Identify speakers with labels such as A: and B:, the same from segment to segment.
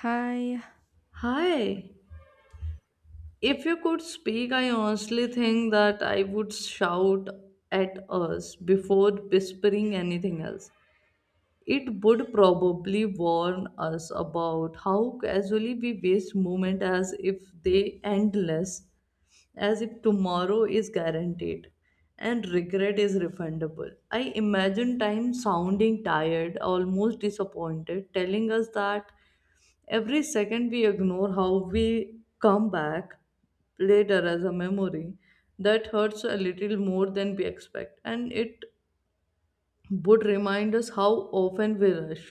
A: Hi.
B: Hi. If you could speak, I honestly think that I would shout at us before whispering anything else. It would probably warn us about how casually we waste moment as if they endless, as if tomorrow is guaranteed and regret is refundable. I imagine time sounding tired, almost disappointed, telling us that every second we ignore how we come back later as a memory that hurts a little more than we expect and it would remind us how often we rush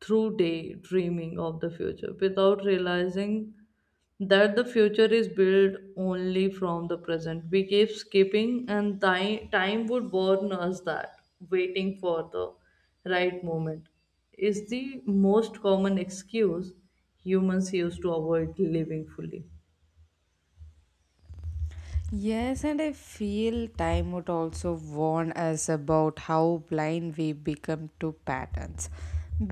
B: through daydreaming of the future without realizing that the future is built only from the present. We keep skipping, and time would warn us that waiting for the right moment is the most common excuse humans use to avoid living fully.
A: Yes, and I feel time would also warn us about how blind we become to patterns.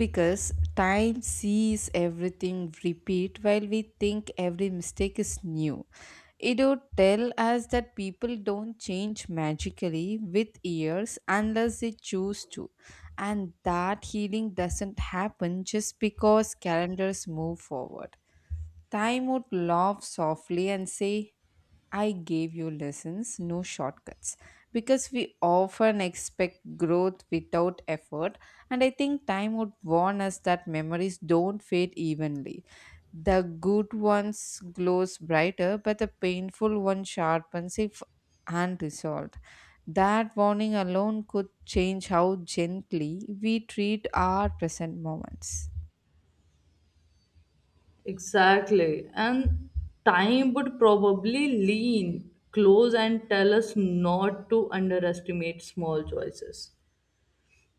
A: Because time sees everything repeat while we think every mistake is new. It would tell us that people don't change magically with years unless they choose to. And that healing doesn't happen just because calendars move forward. Time would laugh softly and say, I gave you lessons, no shortcuts. Because we often expect growth without effort, and I think time would warn us that memories don't fade evenly. The good ones glows brighter, but the painful one sharpens if unresolved. That warning alone could change how gently we treat our present moments.
B: Exactly. And time would probably lean close and tell us not to underestimate small choices.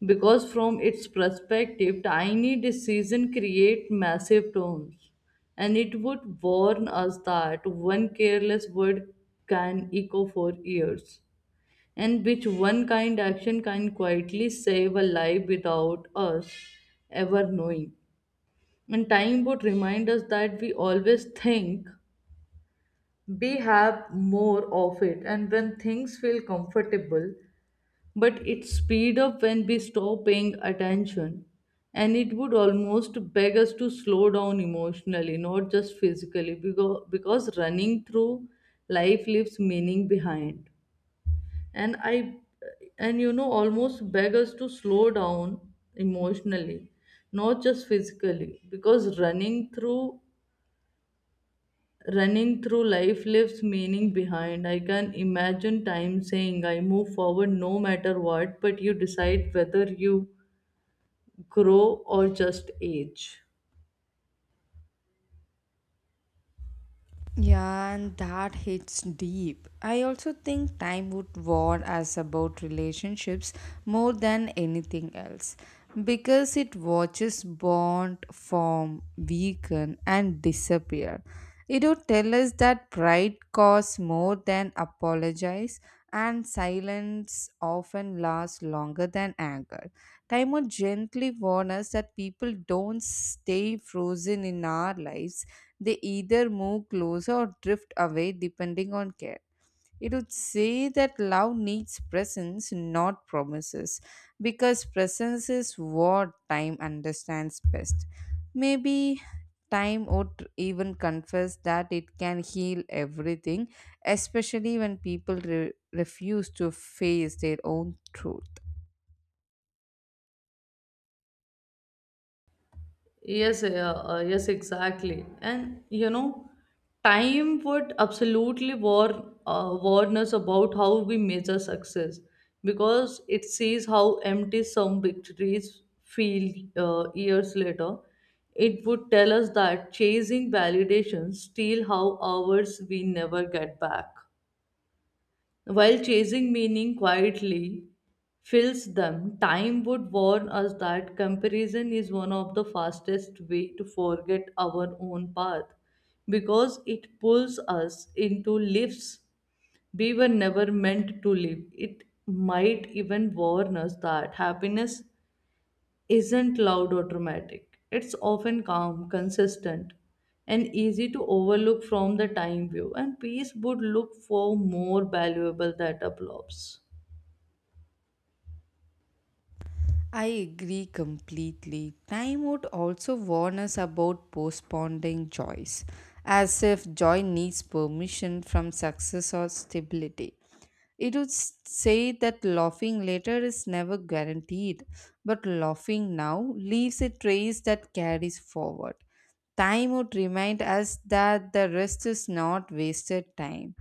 B: Because from its perspective, tiny decisions create massive tones. And it would warn us that one careless word can echo for years. And which one kind action can quietly save a life without us ever knowing. And time would remind us that we always think we have more of it, and when things feel comfortable, but it speed up when we stop paying attention. And it would almost beg us to slow down emotionally, not just physically, because running through life leaves meaning behind. And almost beg us to slow down emotionally not just physically because running through life leaves meaning behind. I can imagine time saying, I move forward no matter what, but you decide whether you grow or just age.
A: Yeah, and that hits deep. I also think time would warn us about relationships more than anything else, because it watches bond form, weaken, and disappear. It would tell us that pride costs more than apologize, and silence often lasts longer than anger. Timer gently warns us that people don't stay frozen in our lives. They either move closer or drift away depending on care. It would say that love needs presence, not promises, because presence is what time understands best. Maybe time would even confess that it can heal everything, especially when people refuse to face their own truth.
B: Yes, uh, yes, exactly. And you know, time would absolutely warn warn us about how we measure success because it sees how empty some victories feel years later. It would tell us that chasing validation steal how hours we never get back. While chasing meaning quietly fills them, time would warn us that comparison is one of the fastest way to forget our own path because it pulls us into lives we were never meant to live. It might even warn us that happiness isn't loud or dramatic. It's often calm, consistent, and easy to overlook from the time view, and peace would look for more valuable that applause.
A: I agree completely. Time would also warn us about postponing joys, as if joy needs permission from success or stability. It would say that laughing later is never guaranteed, but laughing now leaves a trace that carries forward. Time would remind us that the rest is not wasted time,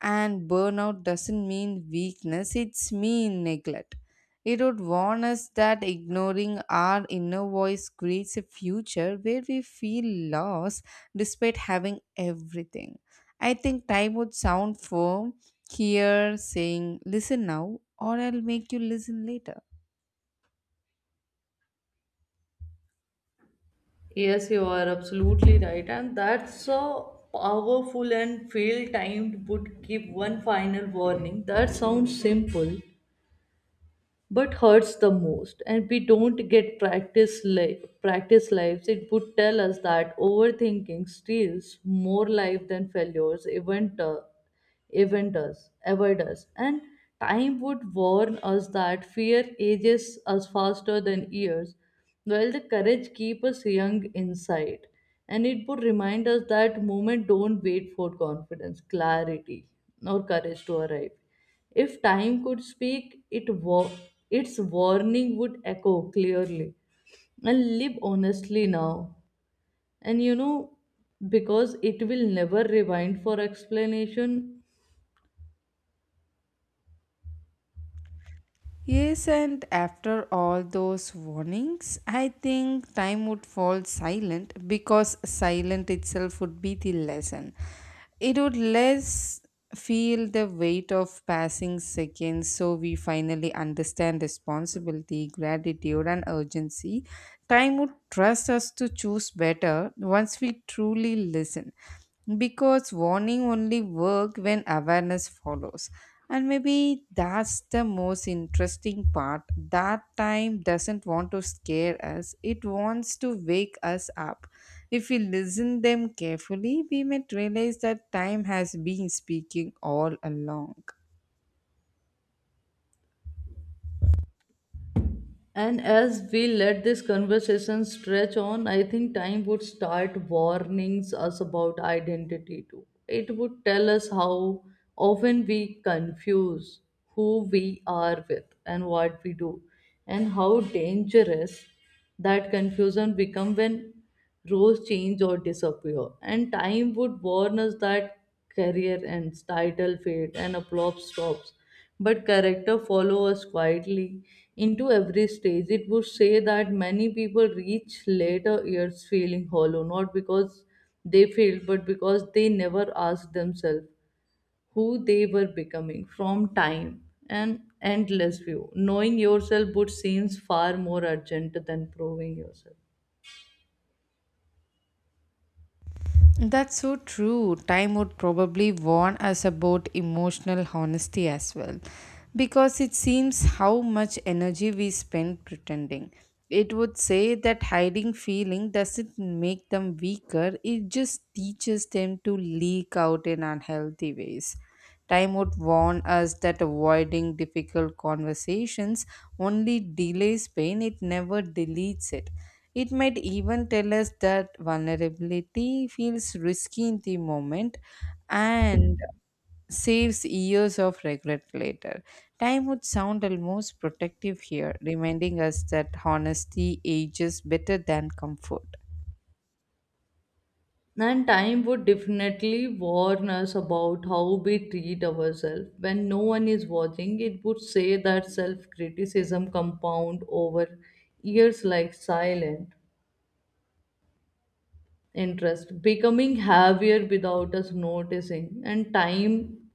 A: and burnout doesn't mean weakness, it's mean neglect. It would warn us that ignoring our inner voice creates a future where we feel lost despite having everything. I think time would sound firm here, saying listen now or I'll make you listen later.
B: Yes, you are absolutely right, and that's a powerful and fail timed would give one final warning. That sounds simple, but hurts the most and we don't get practice life. Practice lives it would tell us that overthinking steals more life than failures even eventers, avoiders, and time would warn us that fear ages us faster than years, while the courage keeps us young inside. And it would remind us that moment don't wait for confidence, clarity, or courage to arrive. If time could speak, its warning would echo clearly and live honestly now. And you know, because it will never rewind for explanation.
A: Yes, and after all those warnings, I think time would fall silent because silent itself would be the lesson. It would less feel the weight of passing seconds, so we finally understand responsibility, gratitude, and urgency. Time would trust us to choose better once we truly listen, because warning only work when awareness follows. And maybe that's the most interesting part, that time doesn't want to scare us, it wants to wake us up. If we listen them carefully, we might realize that time has been speaking all along.
B: And as we let this conversation stretch on, I think time would start warnings us about identity too. It would tell us how often we confuse who we are with and what we do, and how dangerous that confusion become when roles change or disappear and time would warn us that career ends title fade, and a plot stops but character follow us quietly into every stage. It would say that many people reach later years feeling hollow not because they failed but because they never asked themselves who they were becoming from time and endless view knowing yourself would seems far more urgent than proving yourself.
A: That's so true. Time would probably warn us about emotional honesty as well, because it seems how much energy we spend pretending. It would say that hiding feeling doesn't make them weaker, it just teaches them to leak out in unhealthy ways. Time would warn us that avoiding difficult conversations only delays pain, it never deletes it. It might even tell us that vulnerability feels risky in the moment and saves years of regret later. Time would sound almost protective here, reminding us that honesty ages better than comfort.
B: And time would definitely warn us about how we treat ourselves. When no one is watching, it would say that self criticism compound over years like silent interest, becoming heavier without us noticing. And time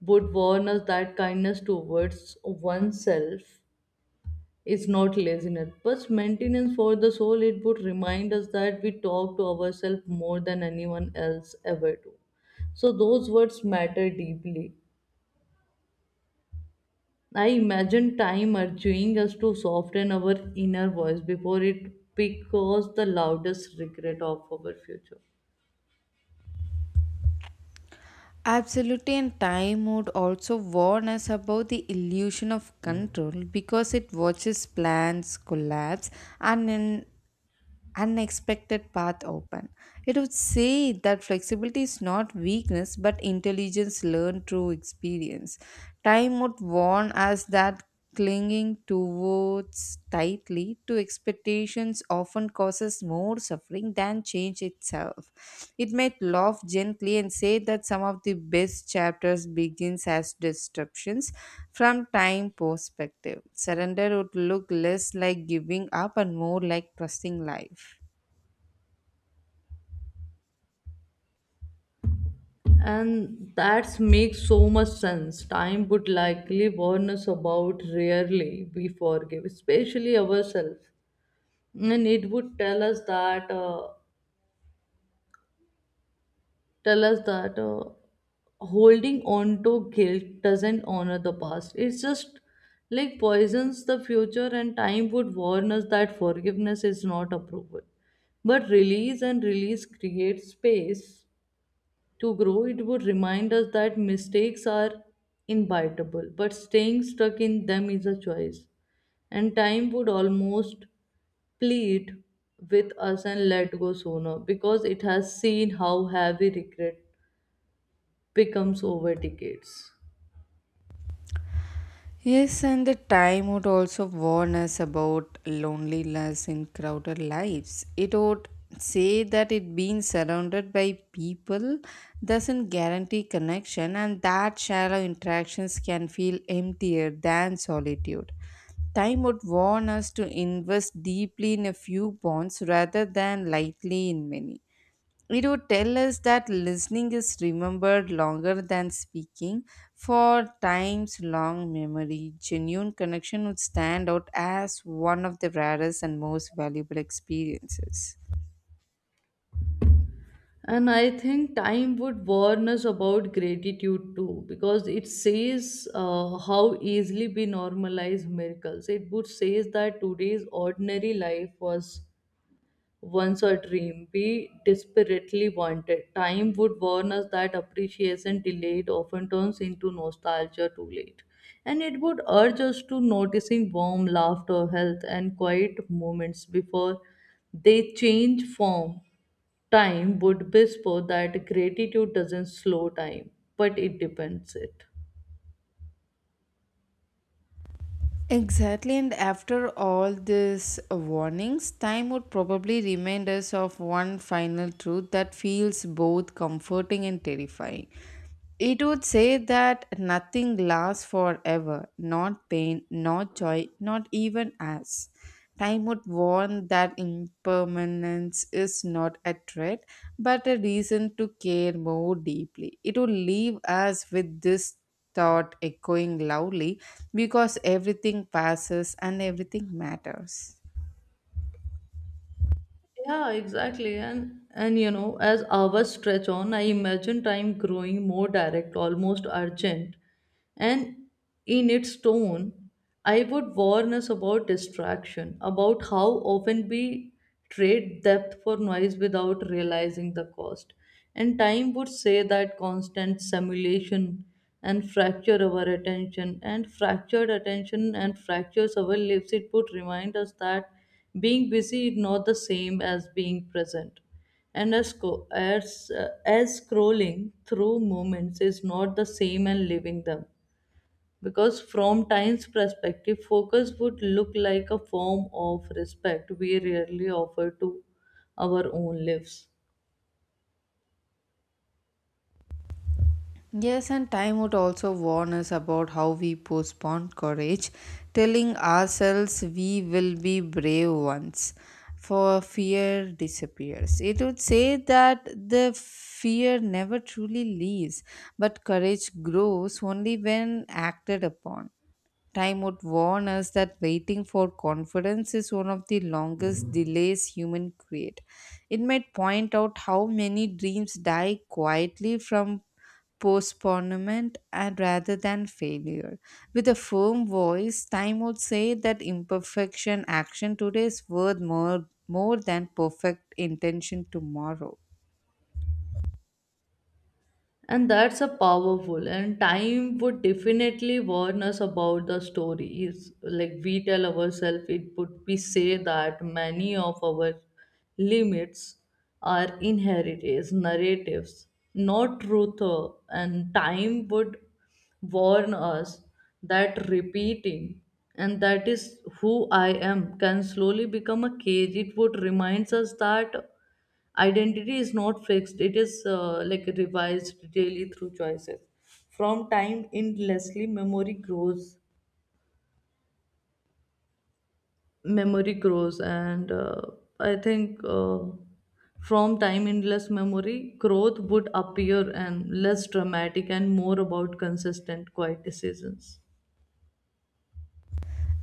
B: would warn us that kindness towards oneself it's not laziness, but maintenance for the soul. It would remind us that we talk to ourselves more than anyone else ever do. So those words matter deeply. I imagine time urging us to soften our inner voice before it becomes the loudest regret of our future.
A: Absolutely, and time would also warn us about the illusion of control, because it watches plans collapse and in unexpected path open. It would say that flexibility is not weakness but intelligence learned through experience. Time would warn us that clinging towards tightly to expectations often causes more suffering than change itself. It might laugh gently and say that some of the best chapters begins as disruptions from time perspective. Surrender would look less like giving up and more like trusting life.
B: And that makes so much sense. Time would likely warn us about rarely we forgive, especially ourselves. And it would tell us that holding on to guilt doesn't honor the past. It's just like poisons the future, and time would warn us that forgiveness is not approval. But release and release create space to grow. It would remind us that mistakes are inevitable, but staying stuck in them is a choice. And time would almost plead with us and let go sooner because it has seen how heavy regret becomes over decades.
A: Yes, and the time would also warn us about loneliness in crowded lives. It would say that it being surrounded by people doesn't guarantee connection, and that shallow interactions can feel emptier than solitude. Time would warn us to invest deeply in a few bonds rather than lightly in many. It would tell us that listening is remembered longer than speaking. For times long memory, genuine connection would stand out as one of the rarest and most valuable experiences.
B: And I think time would warn us about gratitude too, because it says how easily we normalize miracles. It would says that today's ordinary life was once a dream we desperately wanted. Time would warn us that appreciation delayed often turns into nostalgia too late. And it would urge us to noticing warm laughter, health, and quiet moments before they change form. Time would whisper that gratitude doesn't slow time, but it depends it.
A: Exactly, and after all these warnings, time would probably remind us of one final truth that feels both comforting and terrifying. It would say that nothing lasts forever, not pain, not joy, not even us. Time would warn that impermanence is not a threat, but a reason to care more deeply. It would leave us with this thought echoing loudly, because everything passes and everything matters.
B: Yeah, exactly. And you know, as hours stretch on, I imagine time growing more direct, almost urgent. And in its tone, I would warn us about distraction, about how often we trade depth for noise without realizing the cost. And time would say that constant simulation and fracture our attention and fractured attention and fractures our lives. It would remind us that being busy is not the same as being present. And as scrolling through moments is not the same and living them. Because from time's perspective, focus would look like a form of respect we rarely offer to our own lives.
A: Yes, and time would also warn us about how we postpone courage, telling ourselves we will be brave once, for fear disappears. It would say that the fear never truly leaves, but courage grows only when acted upon. Time would warn us that waiting for confidence is one of the longest delays human create. It might point out how many dreams die quietly from postponement and rather than failure. With a firm voice, time would say that imperfection action today is worth more than perfect intention tomorrow.
B: And that's a powerful and time would definitely warn us about the stories. Like we tell ourselves it would we say that many of our limits are inherited narratives, not truth and time would warn us that repeating and that is who I am can slowly become a cage. It would remind us that identity is not fixed, it is like revised daily through choices. From time endlessly, memory grows. Memory grows, and I think From time endless memory, growth would appear and less dramatic and more about consistent, quiet decisions.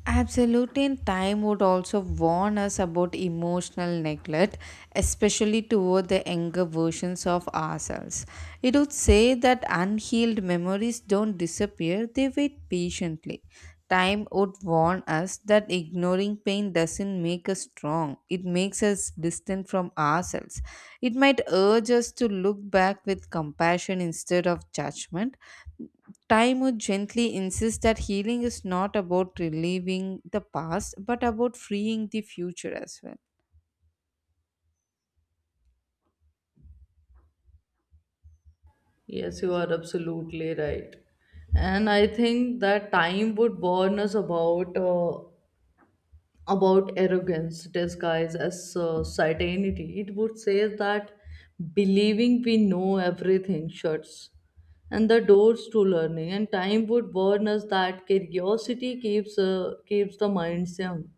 A: Absolutely, and time would also warn us about emotional neglect, especially toward the younger versions of ourselves. It would say that unhealed memories don't disappear, they wait patiently. Time would warn us that ignoring pain doesn't make us strong, it makes us distant from ourselves. It might urge us to look back with compassion instead of judgment. Time would gently insist that healing is not about relieving the past but about freeing the future as well.
B: Yes, you are absolutely right. And I think that time would warn us about arrogance disguised as certainty. It would say that believing we know everything shuts and the doors to learning, and time would warn us that curiosity keeps keeps the minds young.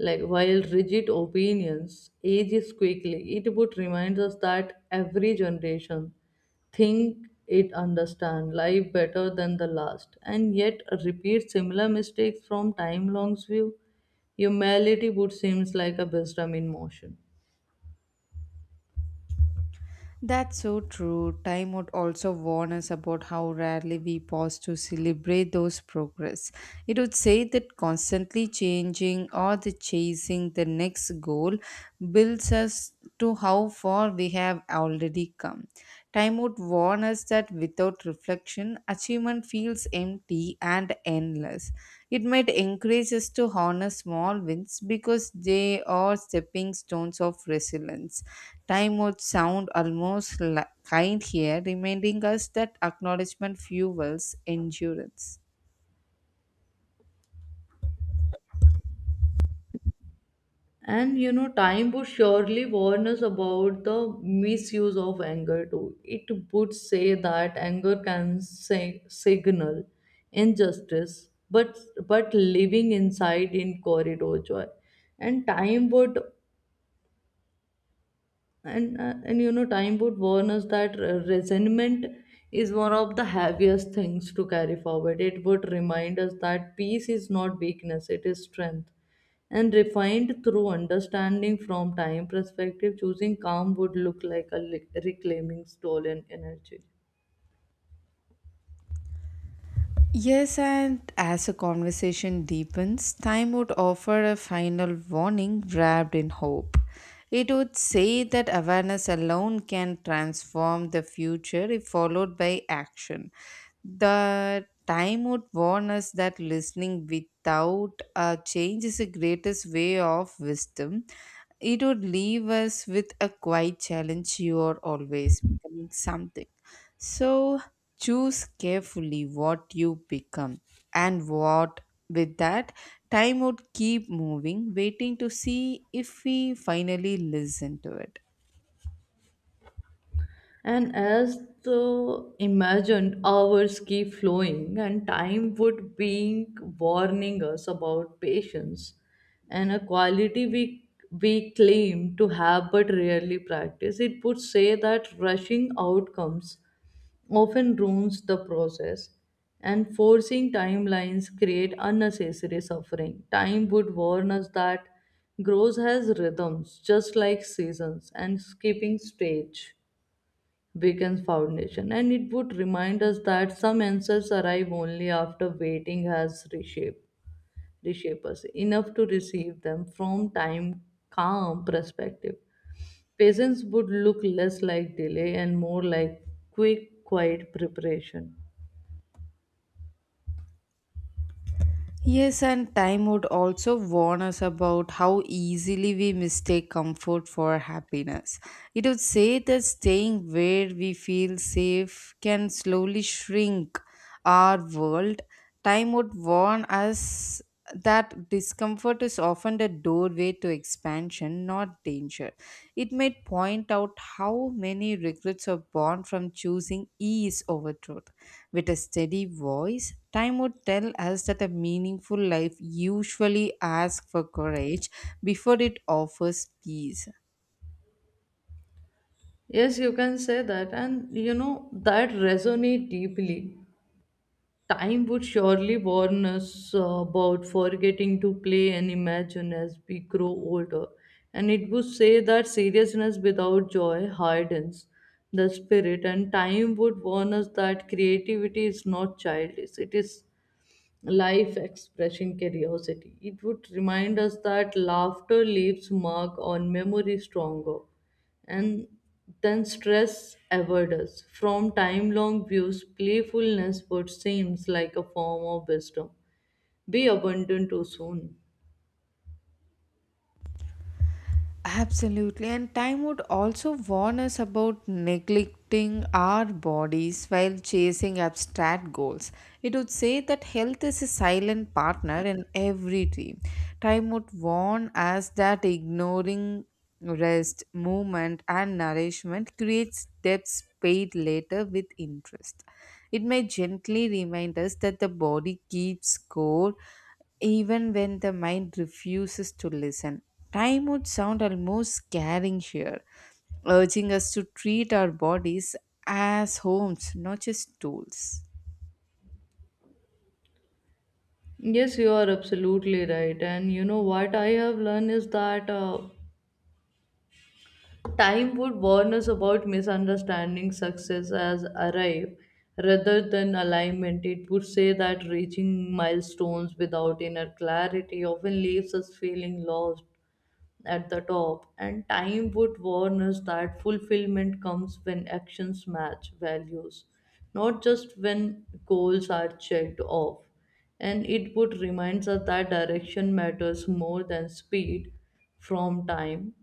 B: Like while rigid opinions ages quickly, it would remind us that every generation think it understand life better than the last and yet repeat similar mistakes from time long's view humanity would seems like a wisdom in motion.
A: That's so true. Time would also warn us about how rarely we pause to celebrate those progress. It would say that constantly changing or the chasing the next goal builds us to how far we have already come. Time would warn us that without reflection, achievement feels empty and endless. It might encourage us to honor small wins because they are stepping stones of resilience. Time would sound almost kind here, reminding us that acknowledgement fuels endurance.
B: And you know time would surely warn us about the misuse of anger too. It would say that anger can say, signal injustice but living inside in corridor joy. And time would and uh, and you know time would warn us that resentment is one of the heaviest things to carry forward. It would remind us that peace is not weakness it is strength and refined through understanding from time perspective choosing calm would look like a reclaiming stolen energy.
A: Yes, and as a conversation deepens, time would offer a final warning wrapped in hope. It would say that awareness alone can transform the future if followed by action. The time would warn us that listening without a change is the greatest way of wisdom. It would leave us with a quiet challenge, you are always becoming something. So, choose carefully what you become and what. With that, time would keep moving, waiting to see if we finally listen to it.
B: And as the imagined hours keep flowing, and time would be warning us about patience and a quality we claim to have but rarely practice, it would say that rushing outcomes often ruins the process and forcing timelines create unnecessary suffering. Time would warn us that growth has rhythms just like seasons and skipping stage weekends foundation and it would remind us that some answers arrive only after waiting has reshape us enough to receive them from time calm perspective patience would look less like delay and more like quick quiet preparation.
A: Yes, and time would also warn us about how easily we mistake comfort for happiness. It would say that staying where we feel safe can slowly shrink our world. Time would warn us that discomfort is often the doorway to expansion, not danger. It might point out how many regrets are born from choosing ease over truth. With a steady voice, time would tell us that a meaningful life usually asks for courage before it offers peace.
B: Yes you can say that and you know that resonate deeply. Time would surely warn us about forgetting to play and imagine as we grow older, and it would say that seriousness without joy hardens the spirit, and time would warn us that creativity is not childish, it is life expressing curiosity. It would remind us that laughter leaves mark on memory stronger and than stress ever does. From time long views, playfulness would seems like a form of wisdom. Be abundant too soon.
A: Absolutely, and time would also warn us about neglecting our bodies while chasing abstract goals. It would say that health is a silent partner in every dream. Time would warn us that ignoring rest, movement, and nourishment creates debts paid later with interest. It may gently remind us that the body keeps score even when the mind refuses to listen. Time would sound almost scaring here, urging us to treat our bodies as homes, not just tools.
B: Yes, you are absolutely right. And you know what I have learned is that time would warn us about misunderstanding success as arrive rather than alignment. It would say that reaching milestones without inner clarity often leaves us feeling lost at the top. And time would warn us that fulfillment comes when actions match values, not just when goals are checked off. And it would remind us that direction matters more than speed from time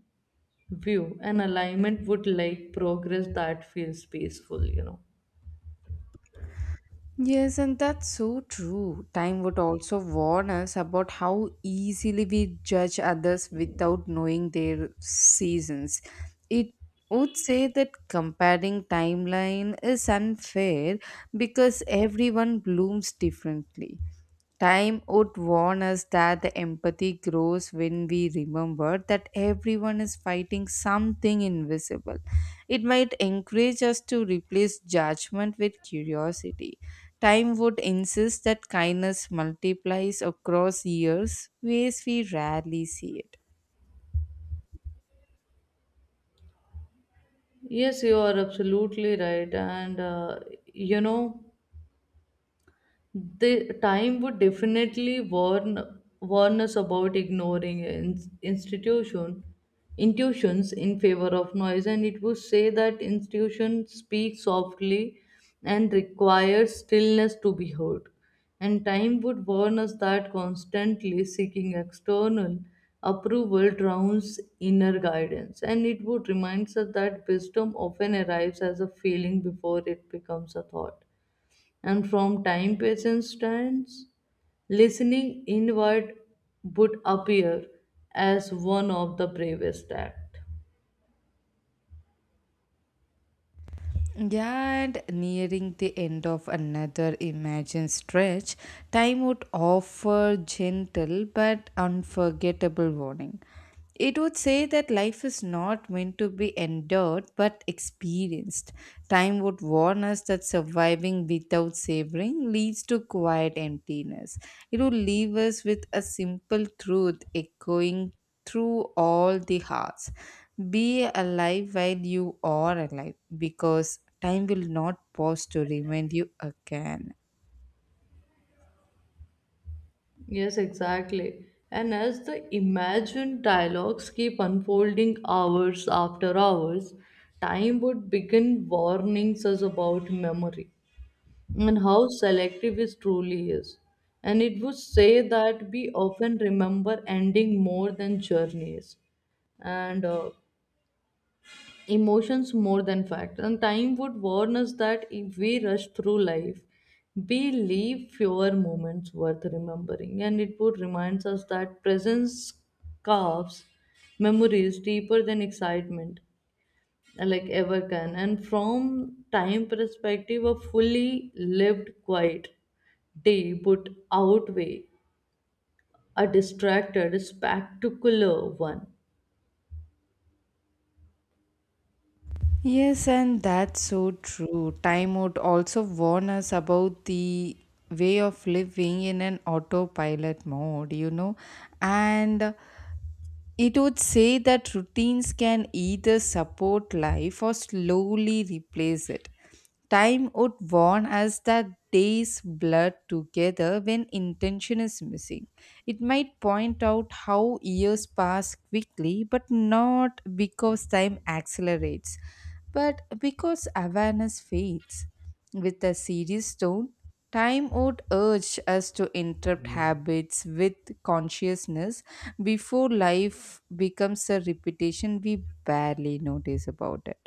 B: view, and alignment would like progress that feels peaceful,
A: Yes, and that's so true. Time would also warn us about how easily we judge others without knowing their seasons. It would say that comparing timeline is unfair because everyone blooms differently. Time would warn us that the empathy grows when we remember that everyone is fighting something invisible. It might encourage us to replace judgment with curiosity. Time would insist that kindness multiplies across years, ways we rarely see it.
B: yes you are absolutely right. And you know the time would definitely warn us about ignoring institution intuitions in favor of noise, and it would say that institution speaks softly and requires stillness to be heard. And time would warn us that constantly seeking external approval drowns inner guidance, and it would remind us that wisdom often arrives as a feeling before it becomes a thought. And from time patience stands, listening inward would appear as one of the bravest act.
A: Yeah, and nearing the end of another imagined stretch, time would offer gentle but unforgettable warning. It would say that life is not meant to be endured but experienced. Time would warn us that surviving without savoring leads to quiet emptiness. It would leave us with a simple truth echoing through all the hearts. Be alive while you are alive, because time will not pause to remind you again.
B: Yes, exactly. And as the imagined dialogues keep unfolding hours after hours, time would begin warnings us about memory and how selective it truly is. And it would say that we often remember ending more than journeys and emotions more than fact. And time would warn us that if we rush through life, we leave fewer moments worth remembering, and it would remind us that presence carves memories deeper than excitement like ever can. And from time perspective, a fully lived quiet day would outweigh a distracted spectacular one.
A: Yes, and that's so true. Time would also warn us about the way of living in an autopilot mode, you know, and it would say that routines can either support life or slowly replace it. Time would warn us that days blur together when intention is missing. It might point out how years pass quickly, but not because time accelerates, but because awareness fades. With a serious tone, time would urge us to interrupt habits with consciousness before life becomes a repetition we barely notice about it.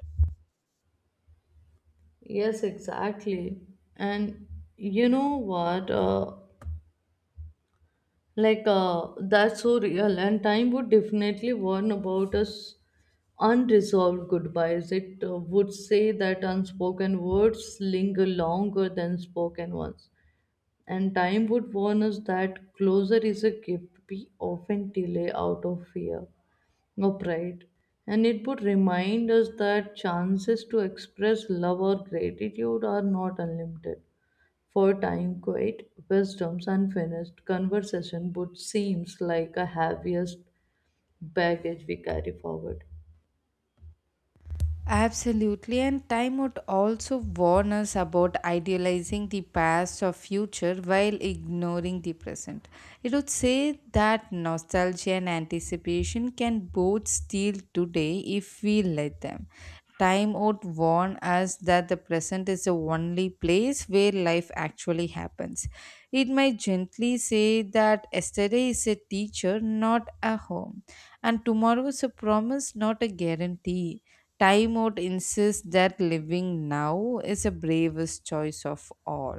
B: Yes, exactly. And you know what? That's so real. And time would definitely warn about us unresolved goodbyes. It would say that unspoken words linger longer than spoken ones. And time would warn us that closure is a gift we often delay out of fear or pride. And it would remind us that chances to express love or gratitude are not unlimited. For time, quiet wisdom's unfinished conversation, but seems like a heaviest baggage we carry forward.
A: Absolutely, and time would also warn us about idealizing the past or future while ignoring the present. It would say that nostalgia and anticipation can both steal today if we let them. Time would warn us that the present is the only place where life actually happens. It might gently say that yesterday is a teacher, not a home, and tomorrow is a promise, not a guarantee. Time out insists that living now is the bravest choice of all.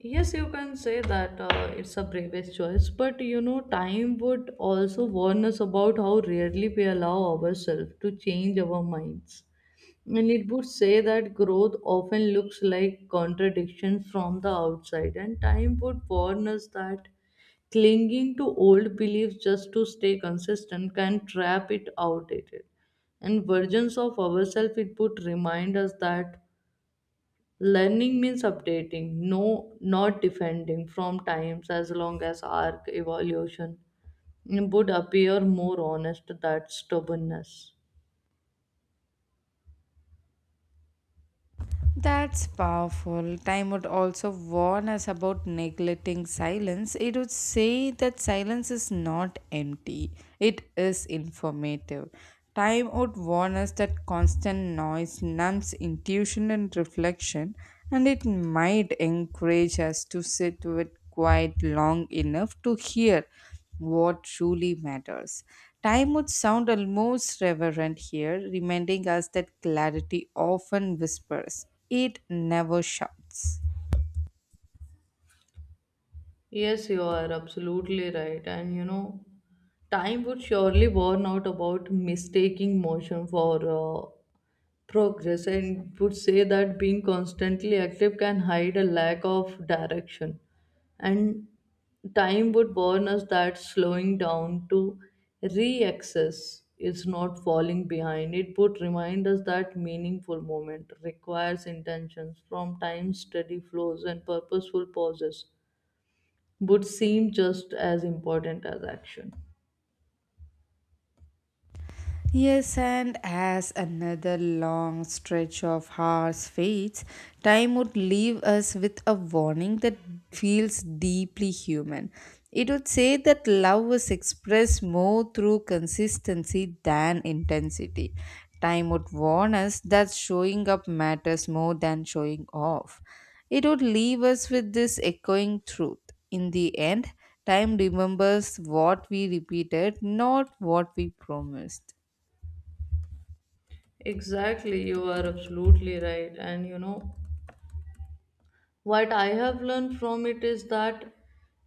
B: Yes, you can say that it's a bravest choice, but you know, time would also warn us about how rarely we allow ourselves to change our minds. And it would say that growth often looks like contradiction from the outside, and time would warn us that clinging to old beliefs just to stay consistent can trap it outdated. And versions of ourselves, it would remind us that learning means updating, no, not defending from times as long as our evolution would appear more honest that stubbornness.
A: That's powerful. Time out also warn us about neglecting silence. It would say that silence is not empty, it is informative. Time would warn us that constant noise numbs intuition and reflection, and it might encourage us to sit with quiet long enough to hear what truly matters. Time would sound almost reverent here, reminding us that clarity often whispers, it never shouts.
B: Yes, you are absolutely right. And you know, time would surely warn out about mistaking motion for progress, and would say that being constantly active can hide a lack of direction. And time would warn us that slowing down to re-access is not falling behind. It would remind us that meaningful moment requires intentions from time steady flows, and purposeful pauses would seem just as important as action.
A: Yes, and as another long stretch of hours fades, time would leave us with a warning that feels deeply human. It would say that love was expressed more through consistency than intensity. Time would warn us that showing up matters more than showing off. It would leave us with this echoing truth. In the end, time remembers what we repeated, not what we promised.
B: Exactly, you are absolutely right. And you know, what I have learned from it is that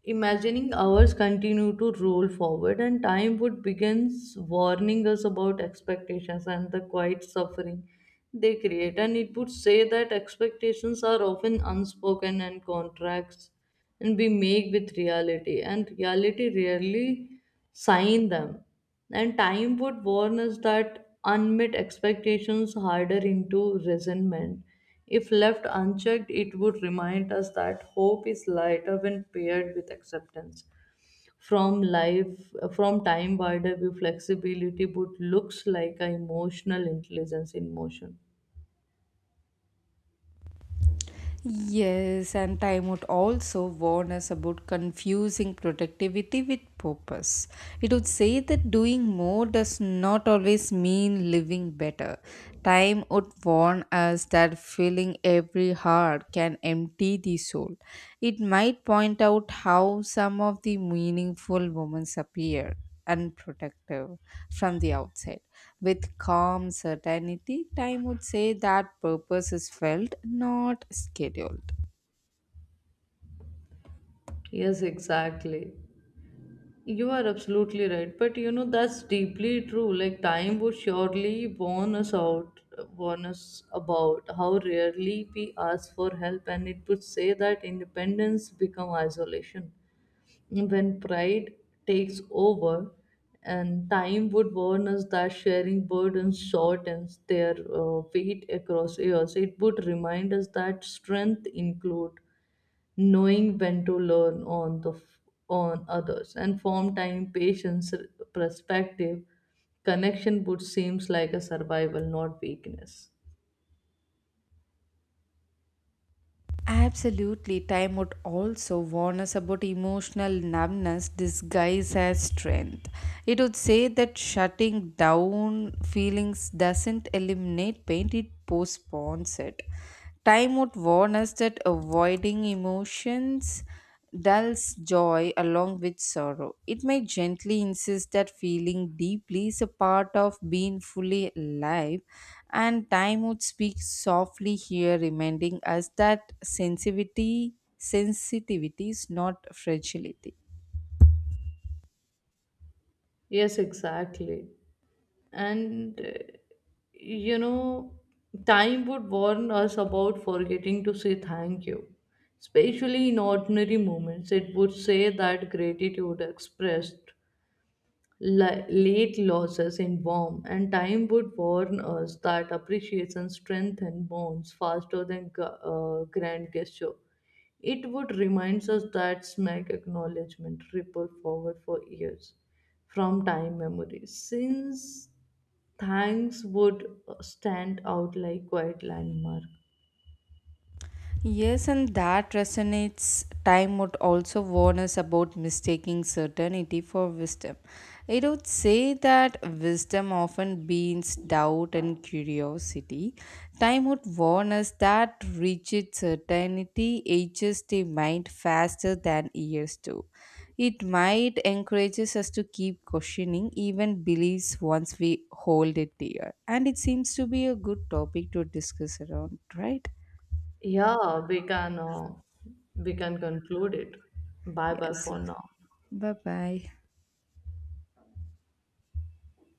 B: imagining hours continue to roll forward, and time would begins warning us about expectations and the quiet suffering they create. And it would say that expectations are often unspoken and contracts, and we make with reality, and reality rarely sign them. And time would warn us that unmet expectations harder into resentment if left unchecked. It would remind us that hope is lighter when paired with acceptance from life, from time wider view flexibility would looks like a emotional intelligence in motion.
A: Yes, and time would also warn us about confusing productivity with purpose. It would say that doing more does not always mean living better. Time would warn us that filling every heart can empty the soul. It might point out how some of the meaningful moments appear unprotective from the outside. With calm certainty, time would say that purpose is felt, not scheduled.
B: Yes, exactly. You are absolutely right, but you know that's deeply true. Like, time would surely warn us out, warn us about how rarely we ask for help, and it would say that independence become isolation when pride takes over. And time would warn us that sharing burdens shortens their weight across years. It would remind us that strength include knowing when to learn on on others, and form time patience perspective connection would seems like a survival not weakness.
A: Absolutely, time would also warn us about emotional numbness disguised as strength. It would say that shutting down feelings doesn't eliminate pain, it postpones it. Time would warn us that avoiding emotions dulls joy along with sorrow. It may gently insist that feeling deeply is a part of being fully alive, and time would speak softly here, reminding us that sensitivity is not fragility.
B: Yes, exactly. And you know time would warn us about forgetting to say thank you, especially in ordinary moments. It would say that gratitude expressed late losses in warm, and time would warn us that appreciation strengthens bonds faster than grand gesture. It would remind us that smack acknowledgement ripple forward for years from time memory. Since thanks would stand out like quiet landmark.
A: Yes, and that resonates. Time would also warn us about mistaking certainty for wisdom. It would say that wisdom often means doubt and curiosity. Time would warn us that rigid certainty ages the mind faster than years do. It might encourages us to keep questioning even beliefs once we hold it dear. And it seems to be a good topic to discuss around, right?
B: Yeah, we can conclude it. Bye
A: Yes.
B: bye for now.
A: Bye bye.